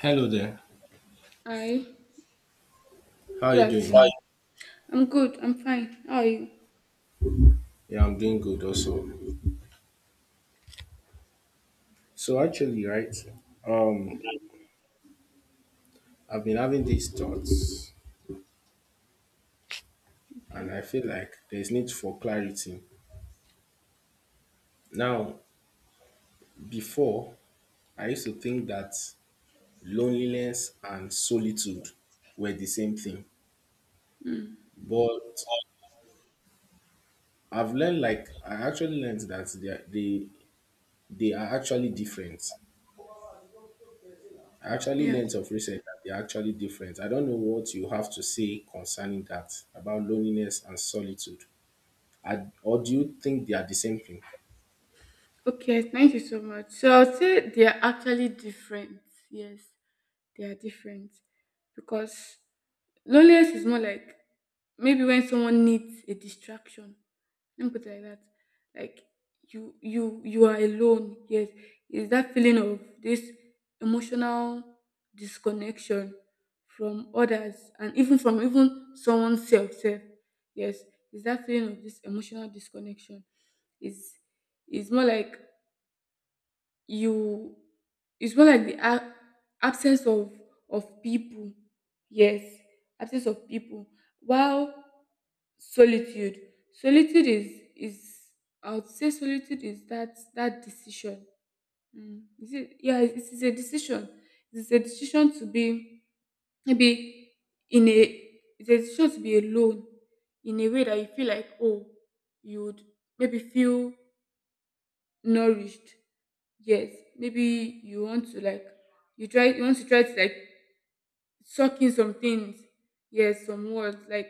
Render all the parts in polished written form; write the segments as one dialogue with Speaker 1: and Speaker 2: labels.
Speaker 1: Hello there.
Speaker 2: Hi.
Speaker 1: How are
Speaker 2: Good
Speaker 1: you
Speaker 2: Hi. Afternoon.
Speaker 1: doing?
Speaker 2: Hi. I'm good. I'm fine. How are you?
Speaker 1: Yeah, I'm doing good also. So actually, right, um, I've been having these thoughts and
Speaker 2: Okay.
Speaker 1: I feel like there's need for clarity. Now, before I used to think that loneliness and solitude were the same thing.
Speaker 2: Mm.
Speaker 1: But I've learned, like I actually learned that they are actually different. I actually
Speaker 2: Yeah.
Speaker 1: learned of research that they are actually different. I don't know what you have to say concerning that about loneliness and solitude. Or do you think they are the same thing?
Speaker 2: Okay. Thank you so much. So I would say they are actually different. Yes, they are different because loneliness is more like maybe when someone needs a distraction. Let me put it like that. Like you are alone. Yes. It's that feeling of this emotional disconnection from others and even from even someone's self. Yes. It's that feeling of this emotional disconnection. Is it's more like you it's more like the absence of people. Yes, absence of people, while solitude solitude is, I would say, solitude is that decision. Mm. is it Yeah, it is a decision. It is a decision to be, maybe, in a it's a decision to be alone in a way that you feel like, oh, you would maybe feel nourished. Yes, maybe you want to like you try you want to try to like suck in some things. Yes, some words like,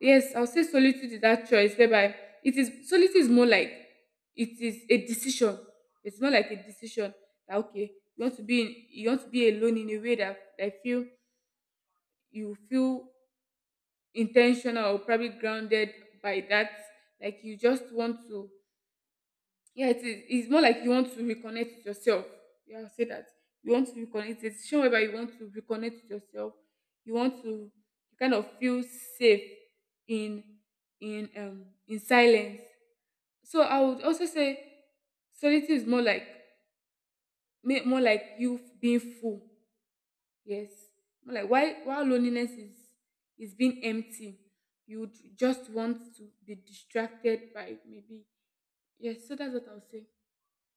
Speaker 2: yes, I'll say solitude is that choice whereby, it is solitude is more like it is a decision. It's more like a decision that, okay, you want to be alone in a way that I feel you feel intentional or probably grounded by that. Like you just want to — yeah, it is. It's more like you want to reconnect with yourself. Yeah, I'll say that. You want to reconnect. It's a decision whereby you want to reconnect with yourself. You want to kind of feel safe in in silence. So I would also say solitude is more like, more like being full. Yes. More like, why while loneliness is being empty, you would just want to be distracted by, maybe, yes, so that's what I'll say.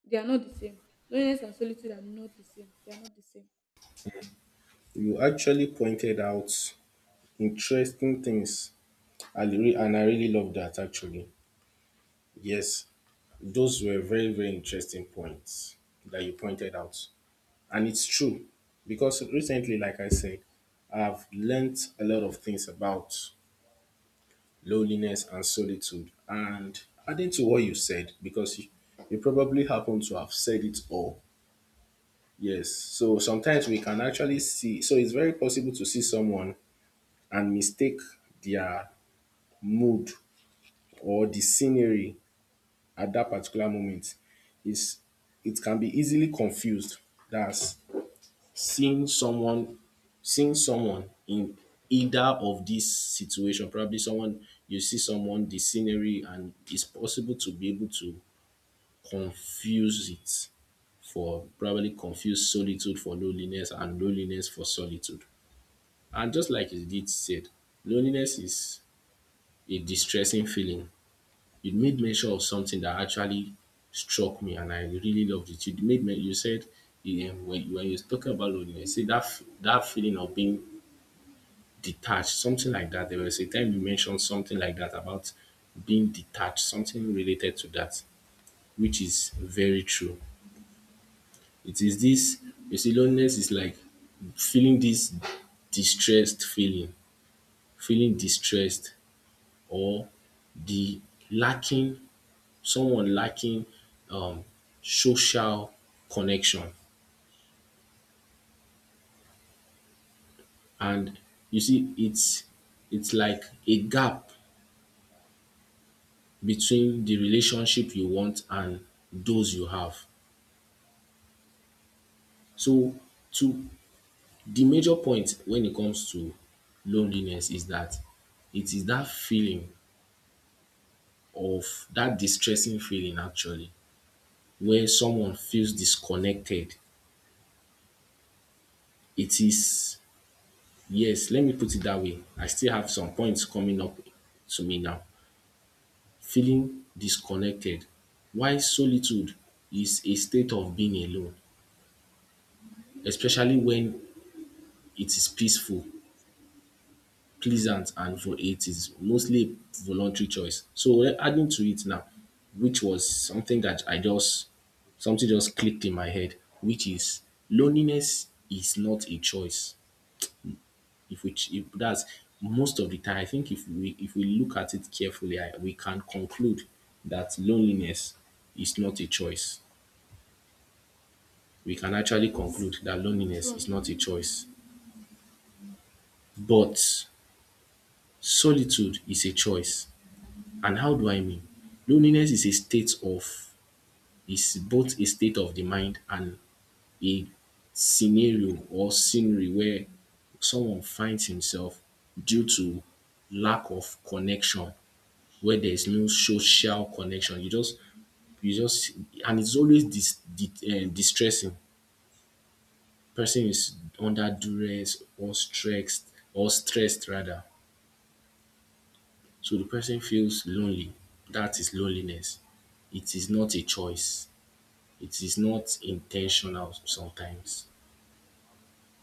Speaker 2: They are not the same. Loneliness and solitude are not the same. They are not the same.
Speaker 1: You actually pointed out interesting things. And I really love that actually. Yes, those were very, very interesting points that you pointed out. And it's true because recently, like I said, I've learned a lot of things about loneliness and solitude. And adding to what you said, because you probably happen to have said it all. Yes. So sometimes we can actually see, so it's very possible to see someone and mistake their mood or the scenery at that particular moment is, it can be easily confused. That's seeing someone seeing someone in either of these situation, probably someone, you see someone, the scenery, and it's possible to be able to confuse it for, probably confuse solitude for loneliness and loneliness for solitude. And just like you did said, loneliness is a distressing feeling. It made mention of something that actually struck me and I really loved it. You said, yeah, when you talk about loneliness, see that that feeling of being detached, something like that. There was a time you mentioned something like that about being detached, something related to that, which is very true. It is this, you see, loneliness is like feeling this distressed feeling, feeling distressed or the lacking someone lacking, um, social connection. And you see, it's like a gap between the relationship you want and those you have. So, to the major point when it comes to loneliness is that it is that feeling of, that distressing feeling actually, where someone feels disconnected. It is, yes, let me put it that way. I still have some points coming up to me now. Feeling disconnected. Why solitude is a state of being alone, especially when it is peaceful, pleasant, and for it is mostly a voluntary choice. So adding to it now, which was something that I just, something just clicked in my head, which is loneliness is not a choice. If we ch- if that's Most of the time, I think if we look at it carefully, I, we can conclude that loneliness is not a choice. We can actually
Speaker 2: Yes.
Speaker 1: conclude that loneliness is
Speaker 2: True.
Speaker 1: not a choice, but solitude is a choice. And how do I mean? Loneliness is a state of, is both a state of the mind and a scenario or scenery where someone finds himself due to lack of connection, where there is no social connection. You just, and it's always distressing. Person is under duress or stressed, or stressed rather. So the person feels lonely. That is loneliness. It is not a choice. It is not intentional sometimes.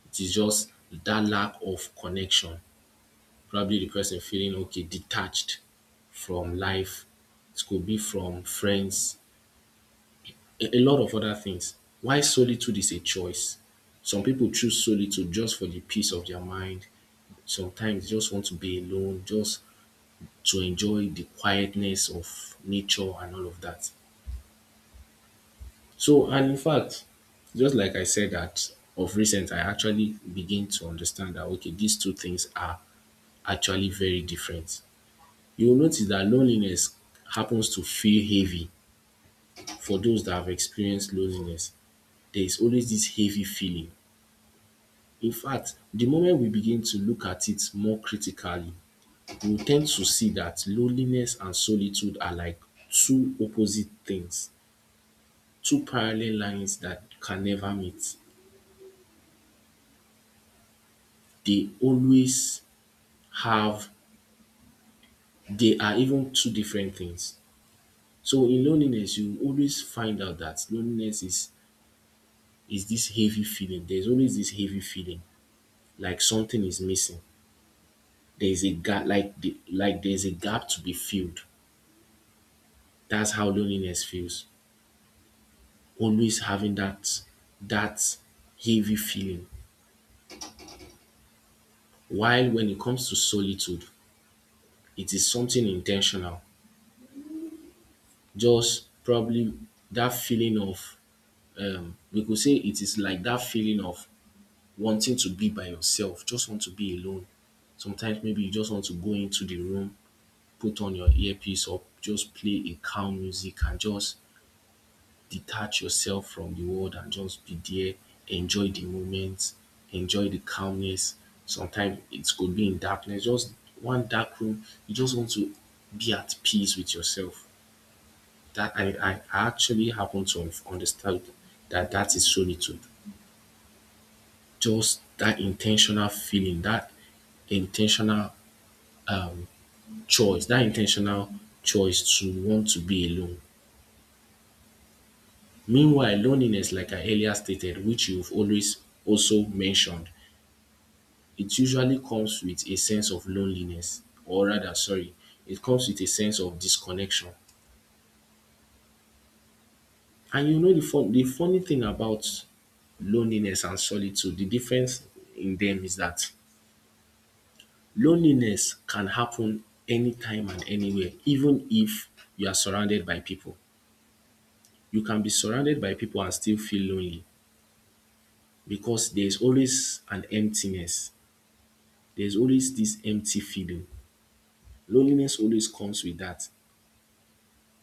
Speaker 1: It is just that lack of connection, probably the person feeling okay, detached from life. It could be from friends, a lot of other things. Why solitude is a choice. Some people choose solitude just for the peace of their mind. Sometimes just want to be alone, just to enjoy the quietness of nature and all of that. So, and in fact, just like I said, that of recent, I actually begin to understand that okay, these two things are actually very different. You will notice that loneliness happens to feel heavy for those that have experienced loneliness. There is always this heavy feeling. In fact, the moment we begin to look at it more critically, we tend to see that loneliness and solitude are like two opposite things, two parallel lines that can never meet. They always have, they are even two different things. So in loneliness, you always find out that loneliness is this heavy feeling. There's always this heavy feeling like something is missing. There is a gap, like like there's a gap to be filled. That's how loneliness feels. Always having that that heavy feeling. While when it comes to solitude, it is something intentional. Just probably that feeling of, we could say it is like that feeling of wanting to be by yourself, just want to be alone. Sometimes maybe you just want to go into the room, put on your earpiece or just play a calm music and just detach yourself from the world and just be there, enjoy the moment, enjoy the calmness. Sometimes it could be in darkness, just one dark room. You just want to be at peace with yourself. That I actually happen to understand that that is solitude. Just that intentional feeling, that intentional um, choice, that intentional choice to want to be alone. Meanwhile, loneliness, like I earlier stated, which you've always also mentioned, it usually comes with a sense of loneliness, or rather sorry, it comes with a sense of disconnection. And you know, the funny thing about loneliness and solitude, the difference in them, is that loneliness can happen anytime and anywhere, even if you are surrounded by people. You can be surrounded by people and still feel lonely because there's always an emptiness, there's always this empty feeling. Loneliness always comes with that,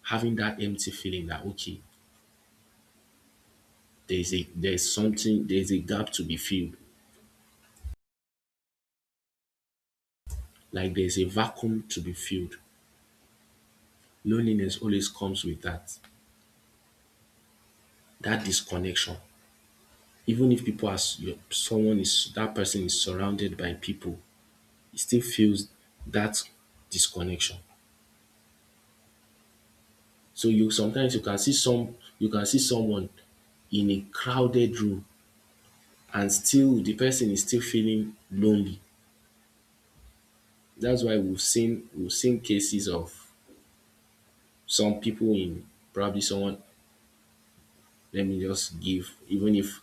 Speaker 1: having that empty feeling that okay, there's a, there's something, there's a gap to be filled, like there's a vacuum to be filled. Loneliness always comes with that, that disconnection, even if people are s- your- someone is that person is surrounded by people, it still feels that disconnection. So you, sometimes you can see some, you can see someone in a crowded room and still the person is still feeling lonely. That's why we've seen cases of some people in, probably someone, let me just give, even if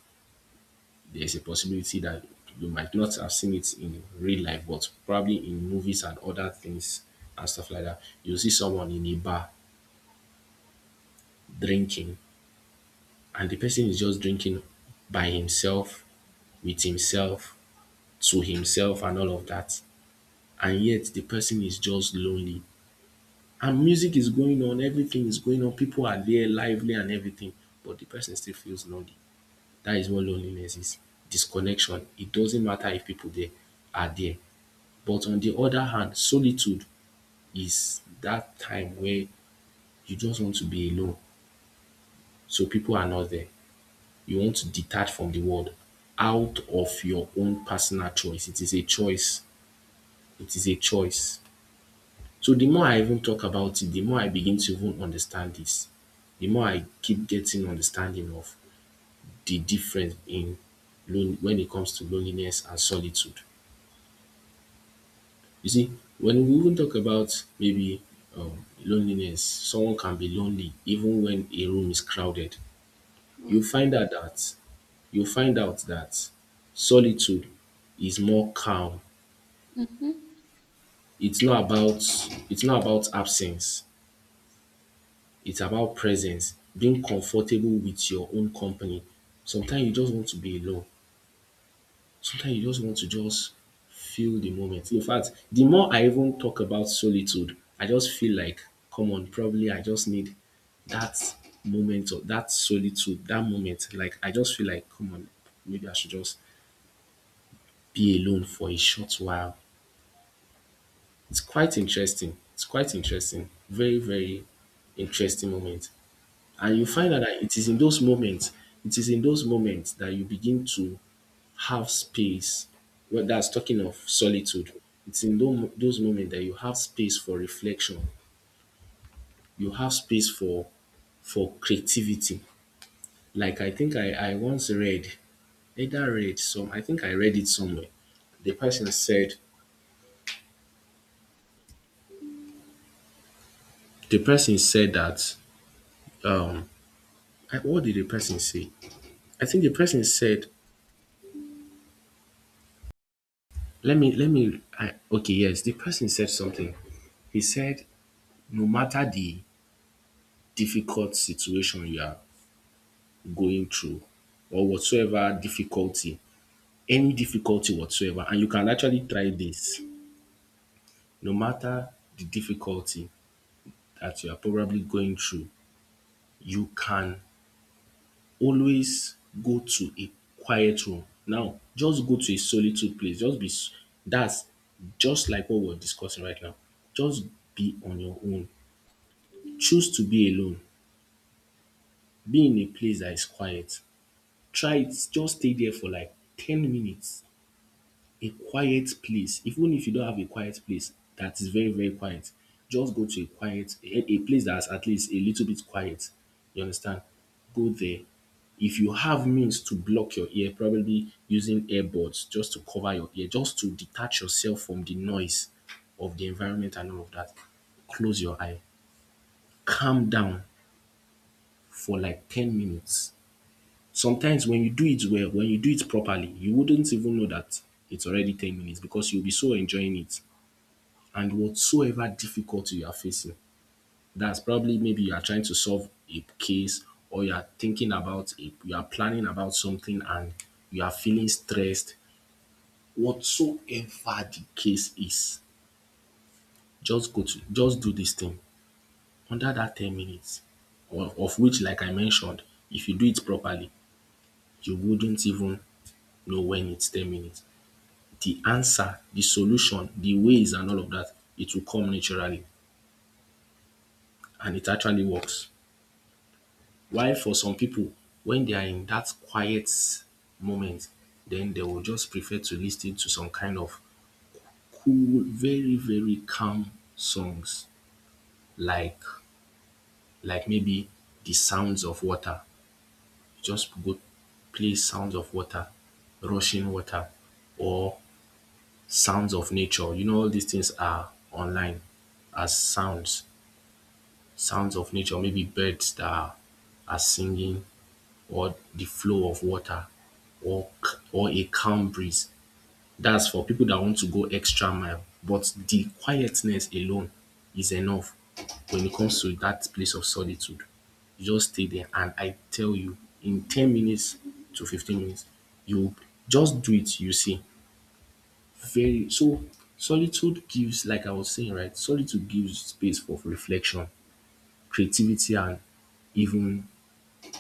Speaker 1: there's a possibility that you might not have seen it in real life, but probably in movies and other things and stuff like that, you see someone in a bar drinking, and the person is just drinking by himself, with himself, to himself, and all of that. And yet the person is just lonely. And music is going on, everything is going on, people are there lively and everything, but the person still feels lonely. That is what loneliness is, disconnection. It doesn't matter if people there are there. But on the other hand, solitude is that time where you just want to be alone, so people are not there. You want to detach from the world out of your own personal choice. It is a choice. It is a choice. So the more I even talk about it, the more I begin to even understand this. The more I keep getting understanding of the difference in lone when it comes to loneliness and solitude. You see, when we even talk about maybe, loneliness, someone can be lonely even when a room is crowded.
Speaker 2: True.
Speaker 1: You find out that you find out that solitude is more calm.
Speaker 2: Mm-hmm.
Speaker 1: It's not about it's not about absence. It's about presence, being comfortable with your own company. Sometimes you just want to be alone. Sometimes you just want to just feel the moment. In fact, the more I even talk about solitude, I just feel like, come on, probably I just need that moment of that solitude, that moment. Like I just feel like, come on, maybe I should just be alone for a short while. It's quite interesting. It's quite interesting. Very, very interesting moment. And you find out that it is in those moments, it is in those moments that you begin to have space. Well, that's talking of solitude. It's in those moments that you have space for reflection. You have space for creativity. Like I think I once read, either read some, I think I read it somewhere. The person said, the person said that, um, what did the person say? I think the person said, let me, I, okay, yes, the person said something. He said, no matter the difficult situation you are going through or whatsoever difficulty, any difficulty whatsoever, and you can actually try this. No matter the difficulty that you are probably going through, you can always go to a quiet room. Now, just go to a solitude place. That's just like what we're discussing right now. Just be on your own. Choose to be alone. Be in a place that is quiet. Try it, just stay there for like 10 minutes, a quiet place. Even if you don't have a quiet place that is very, very quiet, just go to a quiet, a place that's at least a little bit quiet, you understand? Go there. If you have means to block your ear, probably using earbuds, just to cover your ear, just to detach yourself from the noise of the environment and all of that, close your eye, calm down for like 10 minutes. Sometimes when you do it well, when you do it properly, you wouldn't even know that it's already 10 minutes because you'll be so enjoying it. And whatsoever difficulty you are facing, that's probably maybe you are trying to solve a case or you are thinking about it, you are planning about something and you are feeling stressed. Whatsoever the case is, just go to, just do this thing under that 10 minutes. Of which, like I mentioned, if you do it properly, you wouldn't even know when it's 10 minutes. The answer, the solution, the ways and all of that, it will come naturally and it actually works. While for some people, when they are in that quiet moment, then they will just prefer to listen to some kind of cool, very, very calm songs, like like maybe the sounds of water. Just go play sounds of water, rushing water or sounds of nature. You know all these things are online as sounds. Sounds of nature, maybe birds that are singing, or the flow of water, or or a calm breeze. That's for people that want to go extra mile. But the quietness alone is enough when it comes to that place of solitude. You just stay there, and I tell you, in 10 minutes to 15 minutes, you just do it. You see, very so solitude gives, like I was saying, right? Solitude gives space for reflection, creativity and even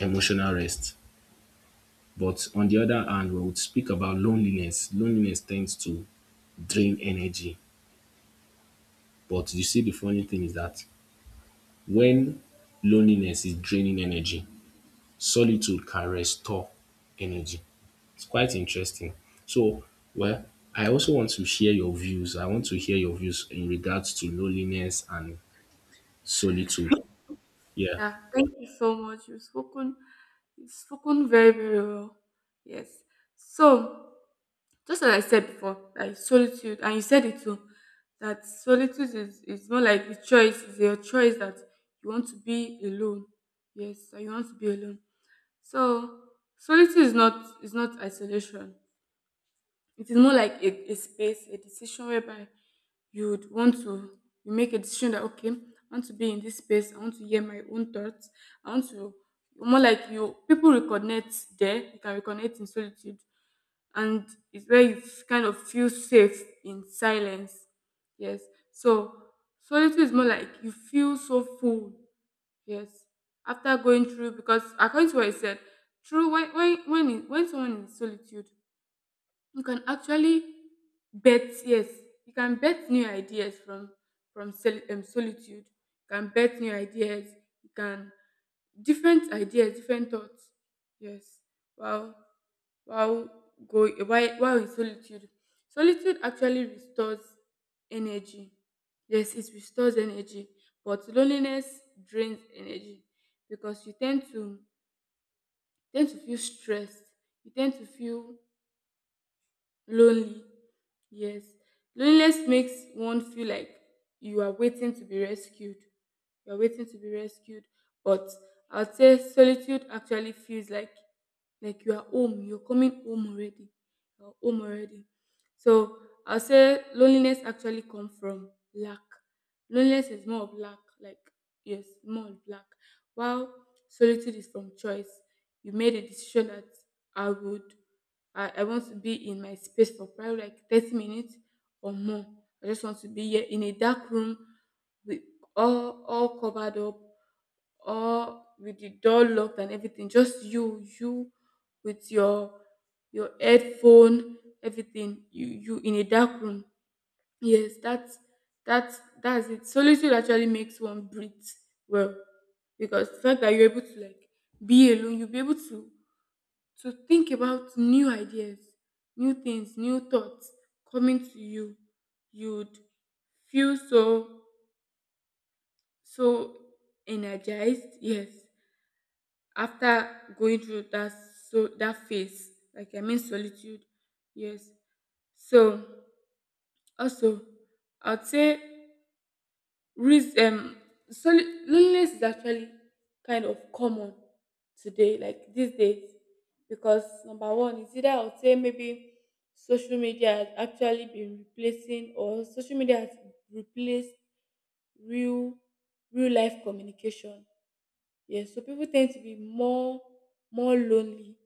Speaker 1: emotional rest. But on the other hand, we would speak about loneliness. Loneliness tends to drain energy. But you see, the funny thing is that when loneliness is draining energy, solitude can restore energy. It's quite interesting. So, well, I also want to share your views. I want to hear your views in regards to loneliness and solitude. Yeah.
Speaker 2: Yeah, thank you so much. You've spoken very, very well. Yes. So, just as I said before, like solitude, and you said it too, that solitude is more like a choice, it's your choice that you want to be alone. Yes, that you want to be alone. So, solitude is not isolation. It is more like a space, a decision whereby you would want to you make a decision that, okay, I want to be in this space, I want to hear my own thoughts, I want to more like, you people reconnect there, you can reconnect in solitude, and it's where kind of feel safe in silence. Yes. So solitude is more like you feel so full. Yes. After going through, because according to what I said, true, when someone is in solitude, you can actually bet. Yes, you can bet new ideas from, solitude. You can bet new ideas, you can different ideas, different thoughts. Yes. Wow. wow go While in solitude solitude actually restores energy. Yes, it restores energy. But loneliness drains energy, because you tend to tend to feel stressed, you tend to feel lonely. Yes. Loneliness makes one feel like you are waiting to be rescued. You are waiting to be rescued. But I'd say solitude actually feels like you are home. You're coming home already. You're home already. So I'll say loneliness actually comes from lack. Loneliness is more of lack, like, yes, more of lack. While solitude is from choice. You made a decision that I would. I want to be in my space for probably like 30 minutes or more. I just want to be here in a dark room with all covered up, all with the door locked and everything. Just you with your headphone, everything. You in a dark room. Yes, that's it. Solitude actually makes one breathe well, because the fact that you're able to like be alone, you'll be able to think about new ideas, new things, new thoughts coming to you. You'd feel so energized, yes, after going through that phase, like, I mean, solitude, yes. So also I'd say, Risk soli loneliness is actually kind of common today, like these days, because number one is, either I would say, maybe social media has actually been replacing, or social media has replaced real real life communication. Yes, so people tend to be more lonely.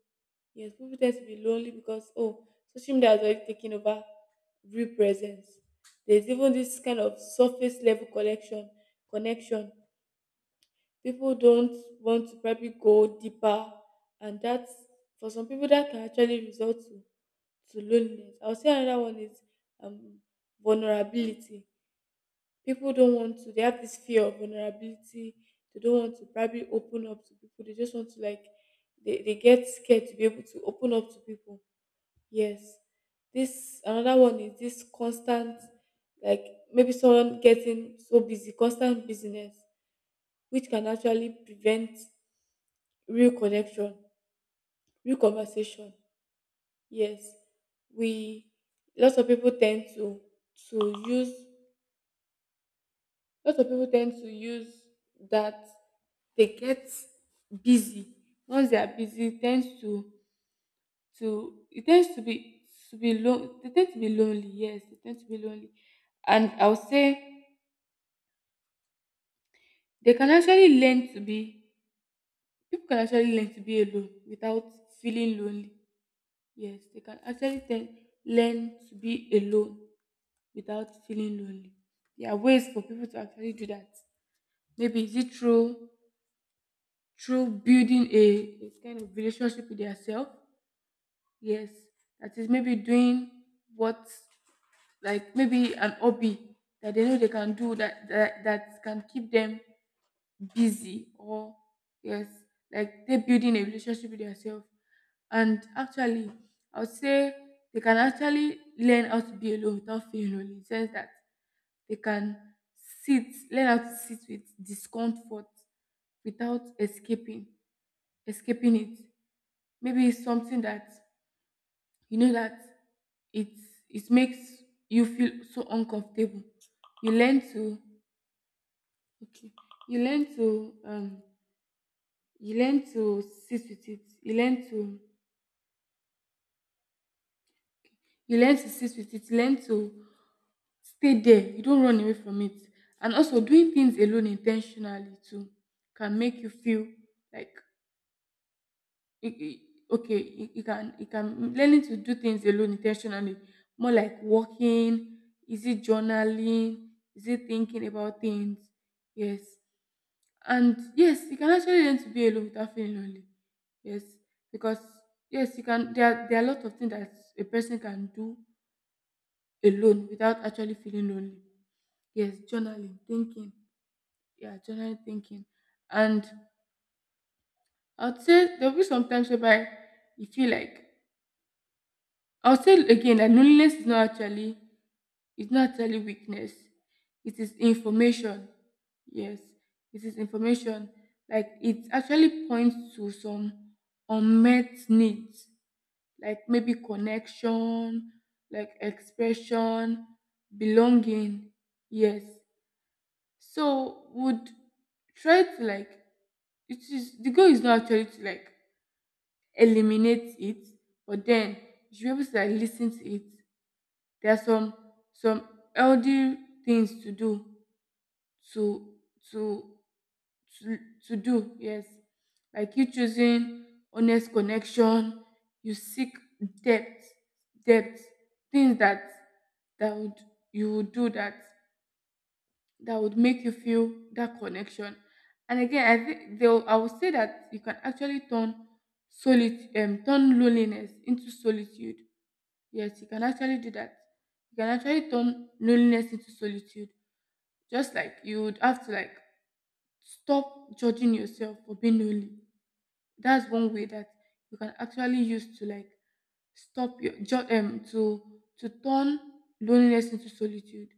Speaker 2: Yes, people tend to be lonely because, oh, social media has already taken over real presence. There's even this kind of surface level collection connection. People don't want to probably go deeper, and that's, for some people, that can actually result to loneliness. I'll say another one is, um vulnerability. People don't want to They have this fear of vulnerability, they don't want to probably open up to people, they just want to like, they get scared to be able to open up to people. Yes. This — another one is this constant, like, maybe someone getting so busy, constant business, which can actually prevent real connection, real conversation. Yes. we lots of people tend to to use Lots of people tend to use that. They get busy. Once they are busy, it tends to be, they tend to be lonely. Yes, they tend to be lonely. And I would say they can actually learn to be people can actually learn to be alone without feeling lonely. Yes, they can actually learn to be alone without feeling lonely. There are ways for people to actually do that. Maybe is it through building a kind of relationship with themselves. Yes, that is, maybe, doing what, like, maybe an hobby that they know they can do, that that can keep them busy, or, yes, like, they're building a relationship with themselves. And actually, I would say they can actually learn how to be alone without feeling lonely. In the sense that they can learn how to sit with discomfort without escaping it. Maybe it's something that you know that it it makes you feel so uncomfortable. You learn to, okay, you learn to um you learn to sit with it. You learn to you learn to sit with it You learn to stay there, you don't run away from it. And also, doing things alone intentionally too can make you feel like, it, it, okay, you can, learning to do things alone intentionally, more like walking, is it journaling, is it thinking about things. Yes. And yes, you can actually learn to be alone without feeling lonely. Yes, because, yes, you can. There are a lot of things that a person can do alone without actually feeling lonely. Yes, journaling, thinking. Yeah, journaling, thinking. And I would say there will be some times whereby you feel like, I'll say again that loneliness is not actually, it's not actually weakness. It is information. Yes, it is information. Like, it actually points to some unmet needs, like maybe connection, like expression, belonging. Yes. So would try to like, it is, the goal is not actually to like eliminate it, but then you should be able to like listen to it. There are some healthy things to do, to, to to, to do. Yes. Like, you choosing honest connection, you seek depth, depth, things that, that would you would do, that would make you feel that connection. And again, I think, they'll I would say, that you can actually turn, solitude turn loneliness into solitude. Yes, you can actually do that. You can actually turn loneliness into solitude. Just like, you would have to like stop judging yourself for being lonely. That's one way that you can actually use to like, stop your jo- um to to turn loneliness into solitude.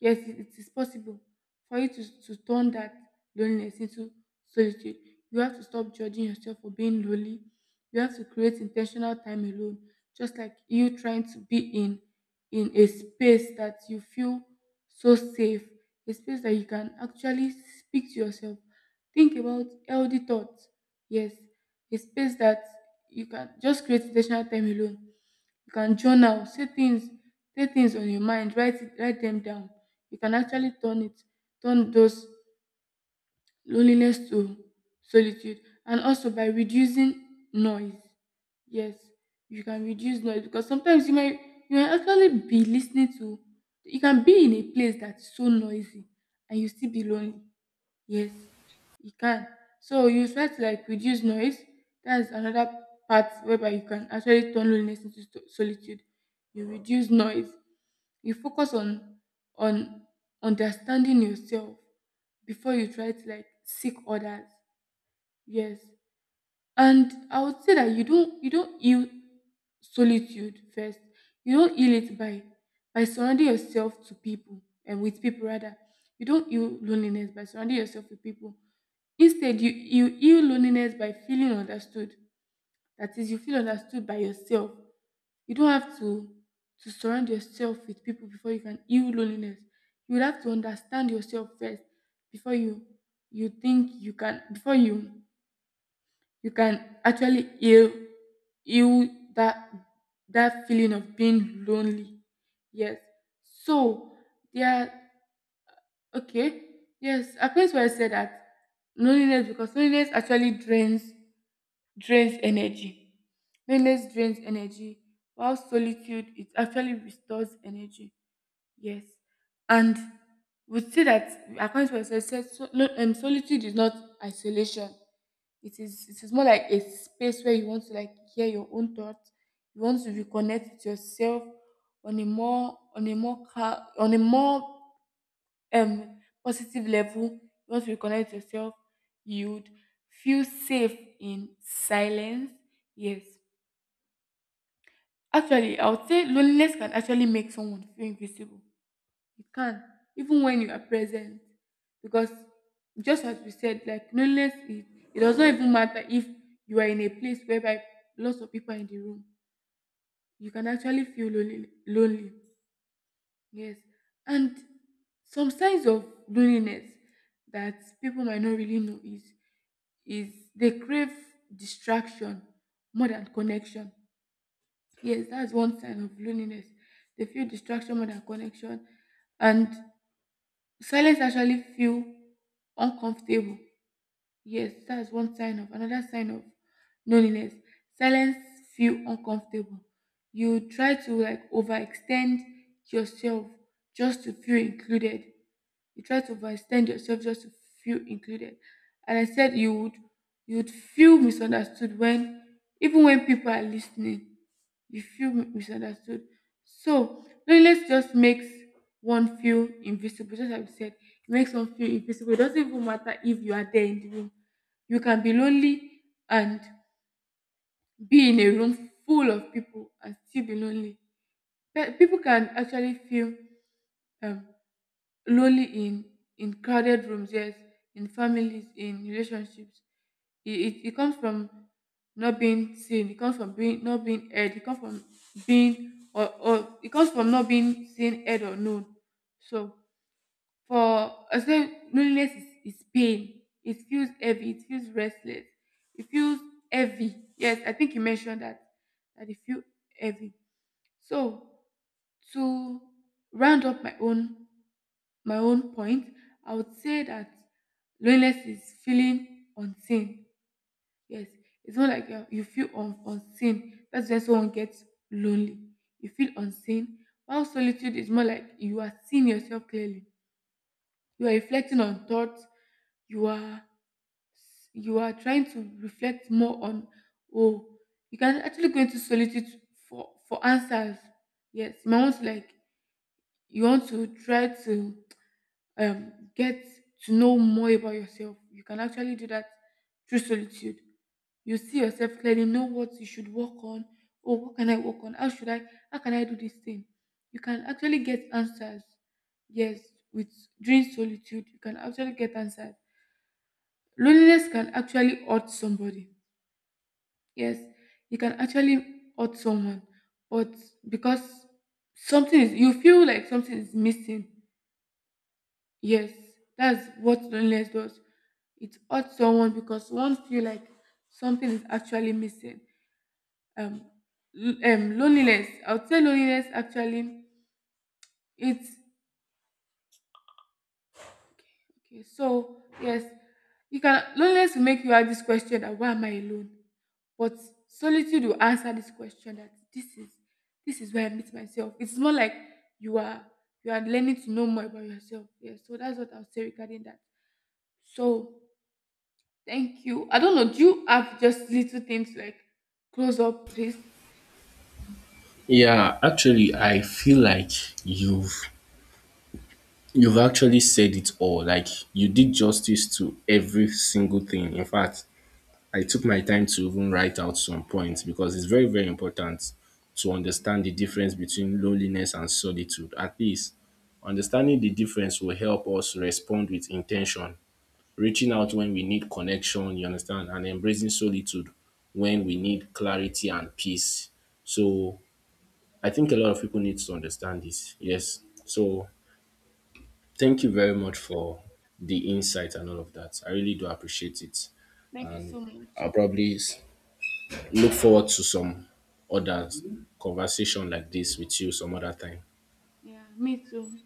Speaker 2: Yes, it is possible for you to turn that loneliness into solitude. You have to stop judging yourself for being lonely. You have to create intentional time alone. Just like you trying to be in a space that you feel so safe, a space that you can actually speak to yourself, think about healthy thoughts. Yes, a space that you can just create intentional time alone. You can journal, say things on your mind, write them down. You can actually turn those loneliness to solitude, and also by reducing noise. Yes, you can reduce noise, because sometimes you might actually be listening to. You can be in a place that's so noisy, and you still be lonely. Yes, you can. So you try to like reduce noise. That's another part whereby you can actually turn loneliness into solitude. You reduce noise. You focus on understanding yourself before you try to like seek others. Yes. And I would say that you don't heal solitude first. You don't heal it by surrounding yourself to people and with people rather. You don't heal loneliness by surrounding yourself with people. Instead, you heal loneliness by feeling understood. That is, you feel understood by yourself. You don't have to surround yourself with people before you can heal loneliness. You will have to understand yourself first before you you think you can before you can actually heal that that feeling of being lonely. Yes. So there okay. Yes, I place where I said that loneliness, because loneliness actually drains energy. Loneliness drains energy while solitude it actually restores energy. Yes. And we see that according to research, said so, no, solitude is not isolation. It is more like a space where you want to like hear your own thoughts. You want to reconnect with yourself on a more cal- on a more positive level. You want to reconnect with yourself. You'd feel safe in silence. Yes. Actually, I would say loneliness can actually make someone feel invisible, you can, even when you are present. Because just as we said, like loneliness is, it does not even matter if you are in a place whereby lots of people are in the room. You can actually feel lonely. Yes. And some signs of loneliness that people might not really know is they crave distraction more than connection. Yes, that's one sign of loneliness. They feel distraction more than connection. And silence actually feel uncomfortable, yes, that's one sign of another sign of loneliness, silence feel uncomfortable. You try to like overextend yourself just to feel included. You try to overextend yourself just to feel included. And I said you would feel misunderstood, when even when people are listening, you feel misunderstood. So loneliness just makes one feel invisible. Just like you said, it makes one feel invisible. It doesn't even matter if you are there in the room. You can be lonely and be in a room full of people and still be lonely. People can actually feel um, lonely in crowded rooms, yes, in families, in relationships. It comes from not being seen, it comes from being not being heard, it comes from being, or it comes from not being seen, heard, or known. So for I say loneliness is pain, it feels heavy, it feels restless, it feels heavy. Yes, I think you mentioned that that it feels heavy. So to round up my own point, I would say that loneliness is feeling unseen. Yes, it's not like you feel unseen. That's when someone gets lonely. You feel unseen. While solitude is more like you are seeing yourself clearly. You are reflecting on thoughts. You are you are trying to reflect more on, oh, you can actually go into solitude for answers. Yes, you might want to like, you want to try to get to know more about yourself. You can actually do that through solitude. You see yourself clearly, know what you should work on. Oh, what can I work on? How should I? How can I do this thing? You can actually get answers. Yes, with during solitude, you can actually get answers. Loneliness can actually hurt somebody. Yes, you can actually hurt someone, but because something is, you feel like something is missing. Yes, that's what loneliness does. It hurts someone because one feel like something is actually missing. Um, Loneliness, I would say loneliness actually. It's okay. So yes, you can, loneliness will make you ask this question that why am I alone? But solitude will answer this question that this is where I meet myself. It's more like you are you are learning to know more about yourself. Yes. So that's what I'll say regarding that. So thank you. I don't know, do you have just little things like close up this?
Speaker 1: Yeah, actually, I feel like you've You've actually said it all. Like you did justice to every single thing. In fact, I took my time to even write out some points because it's very, very important to understand the difference between loneliness and solitude. At least understanding the difference will help us respond with intention, reaching out when we need connection, you understand, and embracing solitude when we need clarity and peace. So I think a lot of people need to understand this. Yes. So thank you very much for the insight and all of that. I really do appreciate it.
Speaker 2: Thank you so much.
Speaker 1: I'll probably s- Look forward to some other conversation like this with you some other time.
Speaker 2: Yeah, me too.